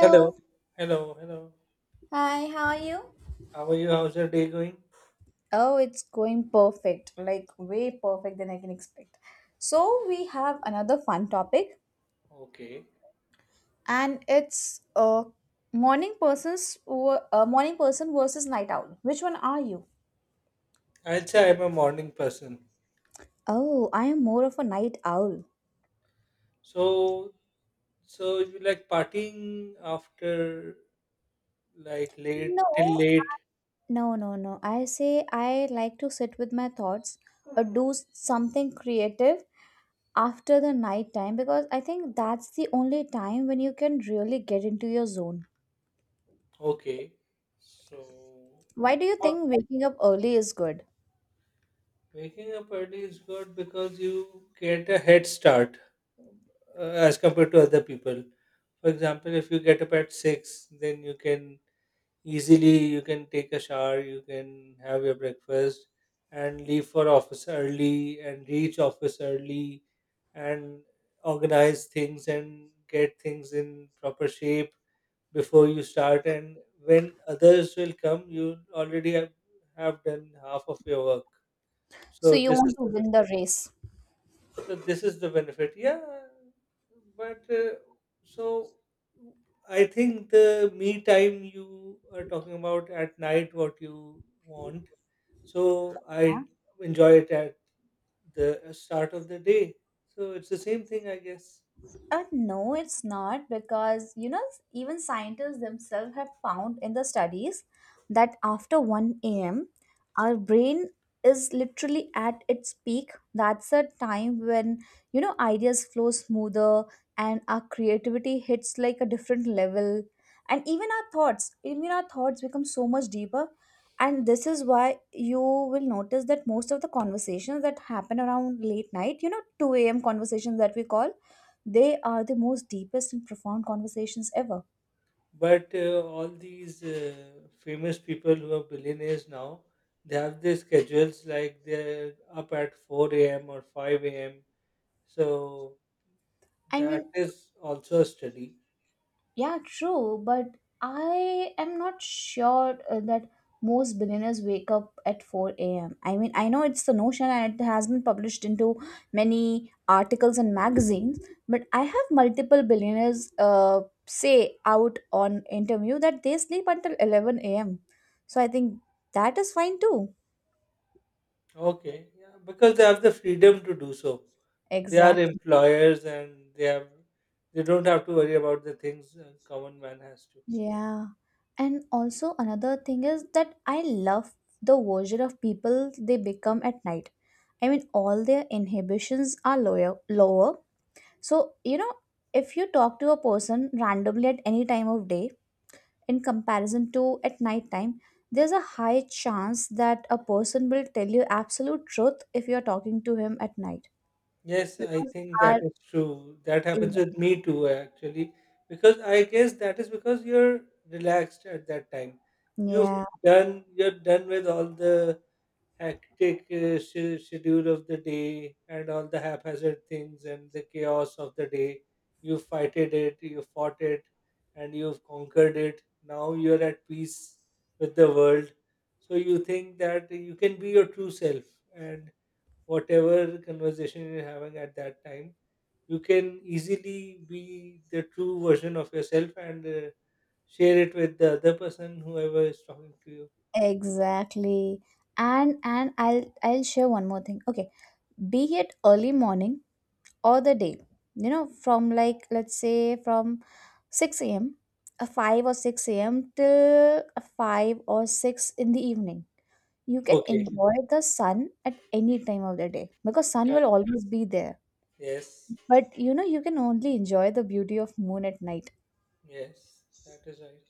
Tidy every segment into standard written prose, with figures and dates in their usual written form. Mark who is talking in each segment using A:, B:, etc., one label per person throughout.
A: Hello, hello, hello.
B: Hi, how are you?
A: How are you? How's your day going?
B: Oh, it's going perfect, like way perfect than I can expect. So, we have another fun topic
A: Okay.
B: and it's morning person versus night owl. Which one are you?
A: I'd say I'm a morning person.
B: Oh, I am more of a night owl.
A: So, so you like partying after like late till
B: No.
A: late?
B: No, no, no. I say I like to sit with my thoughts or do something creative after the night time because I think that's the only time when you can really get into your zone.
A: Okay. So,
B: Why do you
A: what-
B: think waking up early is good?
A: waking up early is good because you get a head start as compared to other people. For example, if you get up at six, then you can easily you can take a shower, you can have your breakfast and leave for office early and reach office early and organize things and get things in proper shape before you start. And when others will come, you already have done half of your work,
B: So
A: so
B: you
A: this is
B: want to
A: the
B: win the race.
A: benefit. Yeah, but so I think the me time you are talking about at night, what you want. So I enjoy it at the start of the day. So it's the same thing, I guess.
B: No, it's not because even scientists themselves have found in the studies that after 1 a.m. our brain is literally at its peak. That's a time when ideas flow smoother and our creativity hits like a different level, and even our thoughts become so much deeper. And this is why you will notice that most of the conversations that happen around late night, 2 a.m. conversations that we call, they are the most deepest and profound conversations ever.
A: But all these famous people who are billionaires now, they have their schedules like they're up at 4 a.m. or 5 a.m. So
B: I
A: that
B: mean,
A: is also a study.
B: yeah, true, but I am not sure that most billionaires wake up at 4 a.m. I mean, I know it's the notion and it has been published into many articles and magazines, but I have multiple billionaires say out on interview that they sleep until 11 a.m. So I think that is fine too.
A: Okay, yeah, because they have the freedom to do so. They are
B: Exactly.
A: employers and they don't have to worry about the things a common man has to.
B: Yeah. And also another thing is that I love the version of people they become at night. I mean, all their inhibitions are lower, lower. So, if you talk to a person randomly at any time of day in comparison to at night time, there's a high chance that a person will tell you absolute truth if you're talking to him at night.
A: Yes, I
B: Because
A: think that
B: our
A: is true. That happens with me too, actually, because I guess that is because you're relaxed at that time. You've
B: Yeah,
A: you're done with all the hectic schedule of the day and all the haphazard things and the chaos of the day. You fought it, and you've conquered it. Now you're at peace with the world. So you think that you can be your true self, and whatever conversation you're having at that time, you can easily be the true version of yourself and share it with the other person, whoever is talking to you.
B: exactly. And I'll share one more thing. Okay, be it early morning or the day from like let's say from 6 a.m, 5 or 6 a.m till 5 or 6 in the evening. You can
A: Okay.
B: enjoy the sun at any time of the day because sun
A: Yeah.
B: will always be there,
A: Yes.
B: but you can only enjoy the beauty of moon at night.
A: Yes, that is right.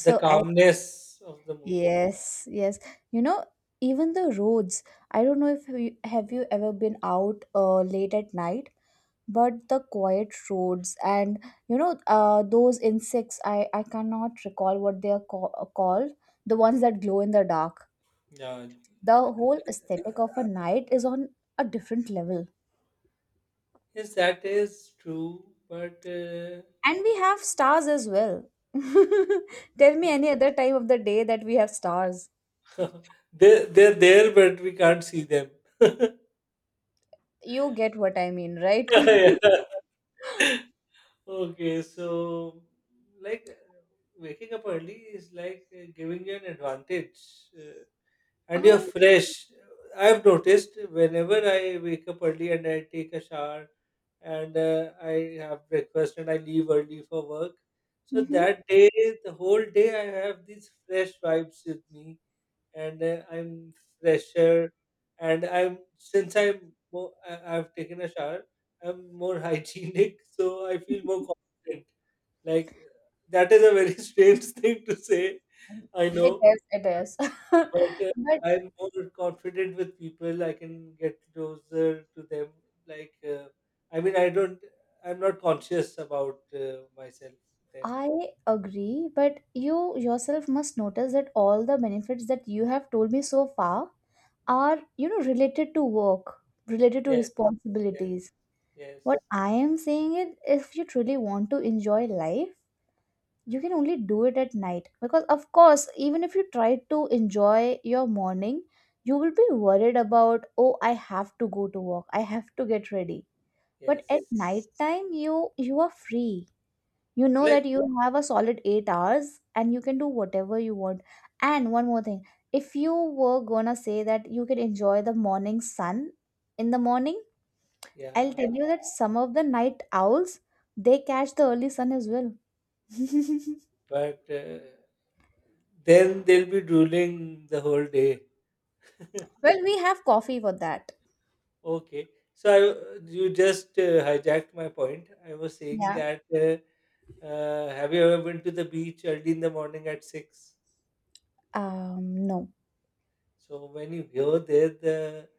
A: The
B: I
A: calmness of the moon.
B: Yes, yes. you know Even the roads, I don't know if you ever been out late at night, but the quiet roads and those insects, I cannot recall what they are called, the ones that glow in the dark.
A: Yeah.
B: The whole
A: uh,
B: aesthetic of a night is on a different level,
A: Yes, that is true, but
B: and we have stars as well. Tell me any other time of the day that we have stars.
A: they they're there, but we can't see them.
B: You get what I mean, right?
A: Yeah. Okay, so like waking up early is like giving you an advantage. uh, and you're
B: I
A: fresh. I've noticed whenever I wake up early and I take a shower and I have breakfast and I leave early for work. So
B: Mhm.
A: that day, the whole day, I have these fresh vibes with me and I'm fresher. And I'm since I'm more, I've taken a shower, I'm more hygienic, so I feel more confident. Like, that is a very strange thing to say, I
B: It
A: know,
B: is, it is. But
A: but I'm more confident with people. I can get closer to them. Like, I mean, I'm not conscious about myself then.
B: I agree, but you yourself must notice that all the benefits that you have told me so far are, related to work, related to
A: Yes, yes,
B: responsibilities.
A: yes,
B: What I am saying is, if you truly want to enjoy life, you can only do it at night. Because, of course, even if you try to enjoy your morning, you will be worried about, oh, I have to go to work, I have to get ready. But at
A: yes.
B: night time, you are free. You know
A: Like,
B: that you have a solid 8 hours and you can do whatever you want. And one more thing, if you were gonna say that you can enjoy the morning sun in the morning, I'll tell
A: yeah,
B: you that some of the night owls, they catch the early sun as well.
A: but then they'll be drooling the whole day.
B: Well, we have coffee for that.
A: Okay. You just hijacked my point. I was saying
B: Yeah.
A: that have you ever been to the beach early in the morning at six?
B: No.
A: So when you go there, the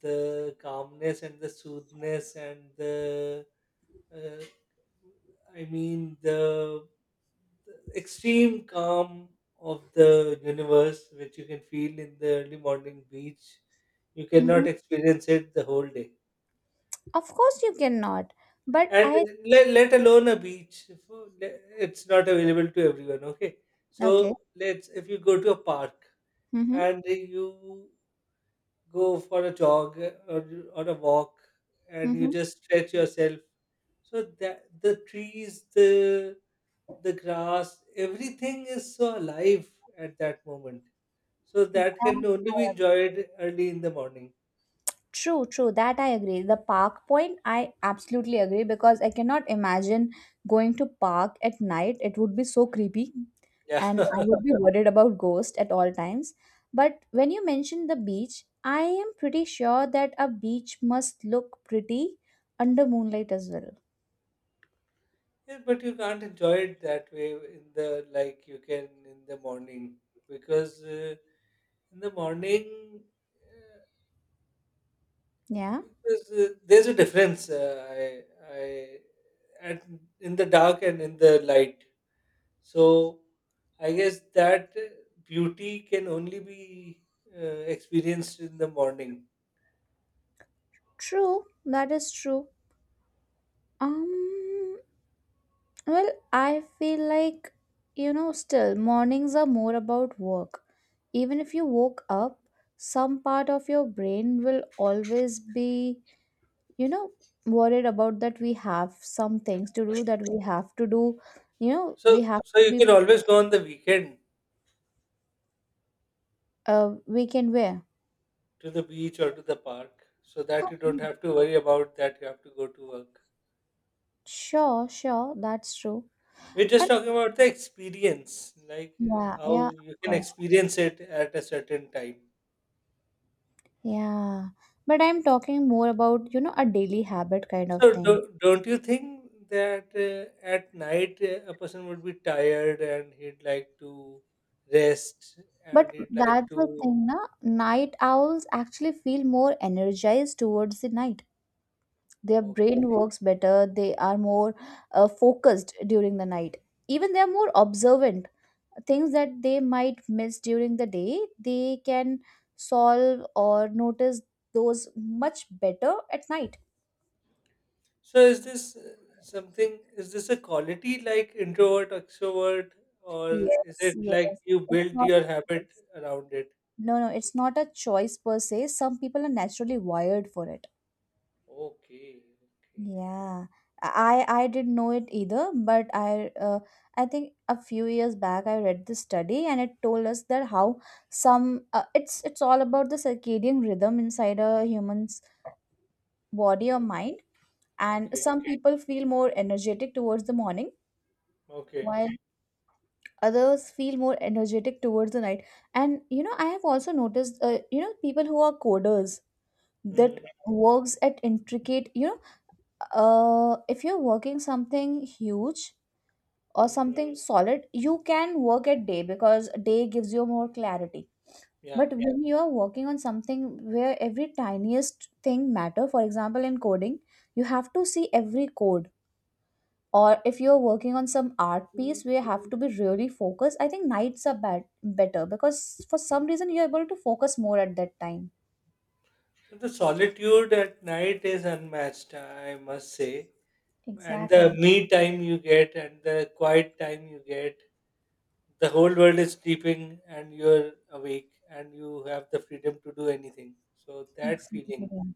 A: the calmness and the soothness and the uh, I mean the, the extreme calm of the universe, which you can feel in the early morning beach, you
B: hmm
A: cannot experience it the whole day.
B: of course you cannot, but
A: And
B: I.
A: let alone a beach, it's not available to everyone. Okay,
B: Okay.
A: so let's, if you go to a park
B: Mm-hmm,
A: and you go for a jog, or a walk, and you
B: mm-hmm.
A: just stretch yourself so that the trees, the grass, everything is so alive at that moment, so that can only be enjoyed early in the morning.
B: True, true. That I agree. The park point, I absolutely agree because I cannot imagine going to park at night. It would be so creepy
A: Yeah.
B: and I
A: Yeah,
B: would be worried about ghosts at all times. But when you mentioned the beach, I am pretty sure that a beach must look pretty under moonlight as well.
A: but you can't enjoy it that way in the, like you can in the morning because in the morning
B: Yeah.
A: Because there's a difference. I, at, in the dark and in the light. So I guess that beauty can only be experienced in the morning.
B: True. That is true. Um Well, I feel like, still mornings are more about work. Even if you woke up, some part of your brain will always be, you know, worried about that we have some things to do that we have to do, we
A: So,
B: have
A: so
B: to
A: you
B: be,
A: can always go on the weekend
B: we can wear.
A: to the beach or to the park, so that you don't have to worry about that you have to go to work.
B: Sure, sure, that's true.
A: We're just
B: And
A: talking about the experience, like
B: yeah,
A: how
B: yeah, of
A: you can
B: course.
A: experience it at a certain time.
B: Yeah. But I'm talking more about, a daily habit kind
A: So
B: of thing.
A: don't you think that at night a person would be tired and he'd like to rest and
B: But
A: he'd like
B: that's the
A: to
B: thing, na? Night owls actually feel more energized towards the night. Their
A: okay.
B: brain works better, they are more focused during the night. Even they are more observant. Things that they might miss during the day, they can solve or notice those much better at night.
A: So is this something is this a quality like introvert extrovert, or is
B: Yes,
A: it like
B: yes.
A: you
B: It's
A: build
B: not
A: your
B: a
A: habit
B: choice.
A: around it?
B: No, no, it's not a choice per se. Some people are naturally wired for it.
A: Okay, okay.
B: Yeah, I didn't know it either, but I think a few years back I read this study and it told us that how some it's all about the circadian rhythm inside a human's body or
A: O-
B: mind, and
A: Okay,
B: some people feel more energetic towards the morning
A: okay.
B: while others feel more energetic towards the night. And I have also noticed people who are coders that
A: Mm,
B: works at intricate, if you're working something huge or
A: mm.
B: something solid, you can work at day because day gives you more clarity.
A: Yeah.
B: But yeah, when you are working on something where every tiniest thing matter, for example in coding, you have to see every code, or if you're working on some art piece where you have to be really focused, I think nights are better because for some reason you're able to focus more at that time.
A: So the solitude at night is unmatched, I must say. And the
B: Exactly.
A: me time you get and the quiet time you get, the whole world is sleeping and you're awake and you have the freedom to do anything, so that feeling,
B: Exactly.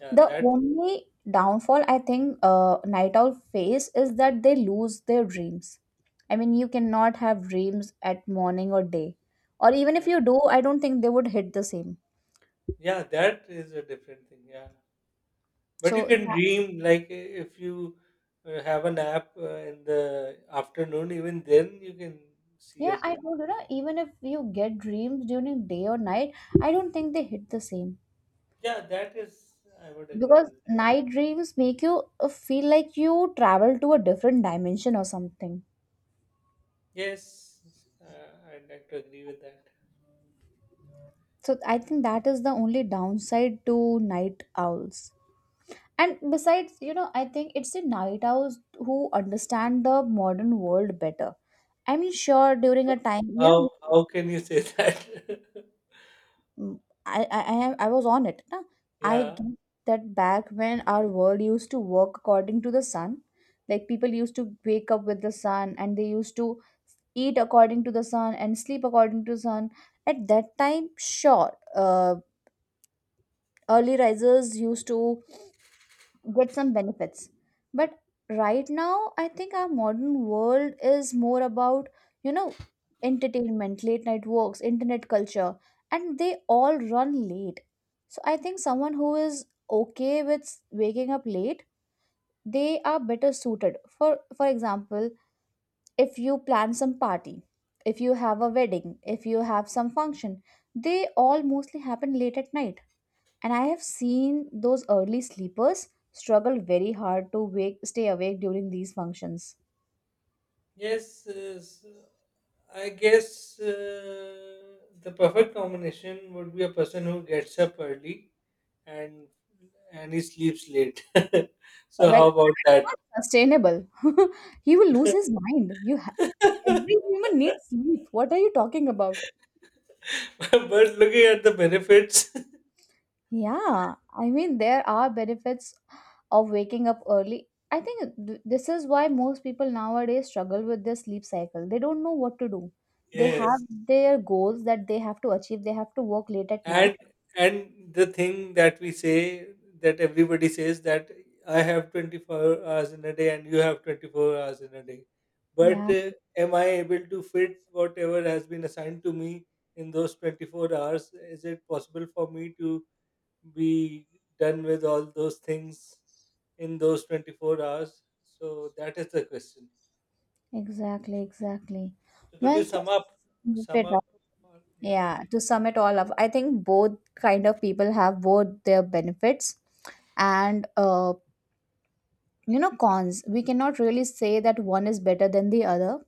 A: yeah,
B: The
A: that
B: only downfall I think night owl face is that they lose their dreams. I mean, you cannot have dreams at morning or day, or even if you do, I don't think they would hit the same.
A: yeah, that is a different thing. Yeah, but you
B: So
A: can
B: that,
A: dream, like, if you have a nap in the afternoon, even then you can see a
B: yeah, I
A: dream.
B: don't. Even if you get dreams during day or night, I don't think they hit the same
A: Yeah, that is I would agree
B: because
A: with that.
B: night dreams make you feel like you travel to a different dimension or something.
A: Yes, I'd like to agree with that.
B: So I think that is the only downside to night owls. And besides, I think it's the night owls who understand the modern world better. I mean, sure, during a time,
A: how how can you say that
B: mm, I I was on it. Na? I
A: yeah?
B: get that back when our world used to work according to the sun, like people used to wake up with the sun and they used to eat according to the sun and sleep according to the sun. At that time, sure, early risers used to get some benefits, but right now I think our modern world is more about you know entertainment, late night walks, internet culture, and they all run late. So I think someone who is okay with waking up late, they are better suited, for example, if you plan some party, if you have a wedding, if you have some function, they all mostly happen late at night, and I have seen those early sleepers struggle very hard to stay awake during these functions.
A: Yes, I guess the perfect combination would be a person who gets up early and he sleeps late. So
B: Well,
A: how
B: that's
A: about that?
B: not sustainable. He will lose his mind. Every human needs sleep. What are you talking about?
A: But looking at the benefits,
B: Yeah, I mean there are benefits of waking up early. I think this is why most people nowadays struggle with their sleep cycle. They don't know what to do. They have
A: yes.
B: their goals that they have to achieve. They have to work late at night.
A: and and the thing that we say, that everybody says, that I have 24 hours in a day and you have 24 hours in a day, but
B: Yeah.
A: am I able to fit whatever has been assigned to me in those 24 hours? Is it possible for me to be done with all those things in those 24 hours? So that is the question.
B: Exactly, exactly.
A: So could you
B: Well, to
A: sum up,
B: sum
A: sum
B: it
A: up,
B: up,
A: yeah,
B: yeah, to sum it all up, I think both kind of people have both their benefits and cons. We cannot really say that one is better than the other.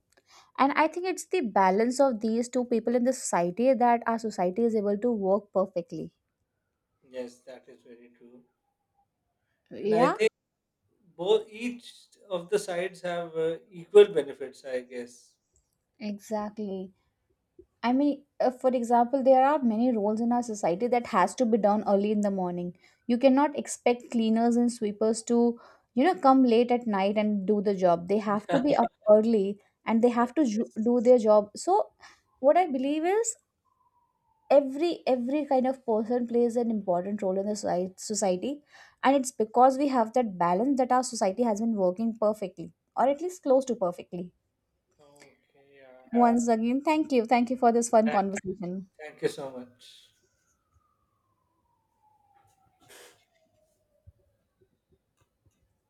B: And I think it's the balance of these two people in the society that our society is able to work perfectly.
A: yes, that is very true. And I
B: Yeah,
A: think both each of the sides have equal benefits, I guess.
B: exactly. I mean, for example, there are many roles in our society that has to be done early in the morning. You cannot expect cleaners and sweepers to, come late at night and do the job. They have to be up early and they have to
A: Yes.
B: do their job. So, what I believe is every kind of person plays an important role in the society, and it's because we have that balance that our society has been working perfectly, or at least close to perfectly.
A: Okay. Yeah.
B: Once again, thank you for this fun
A: Thank,
B: conversation.
A: thank you so much.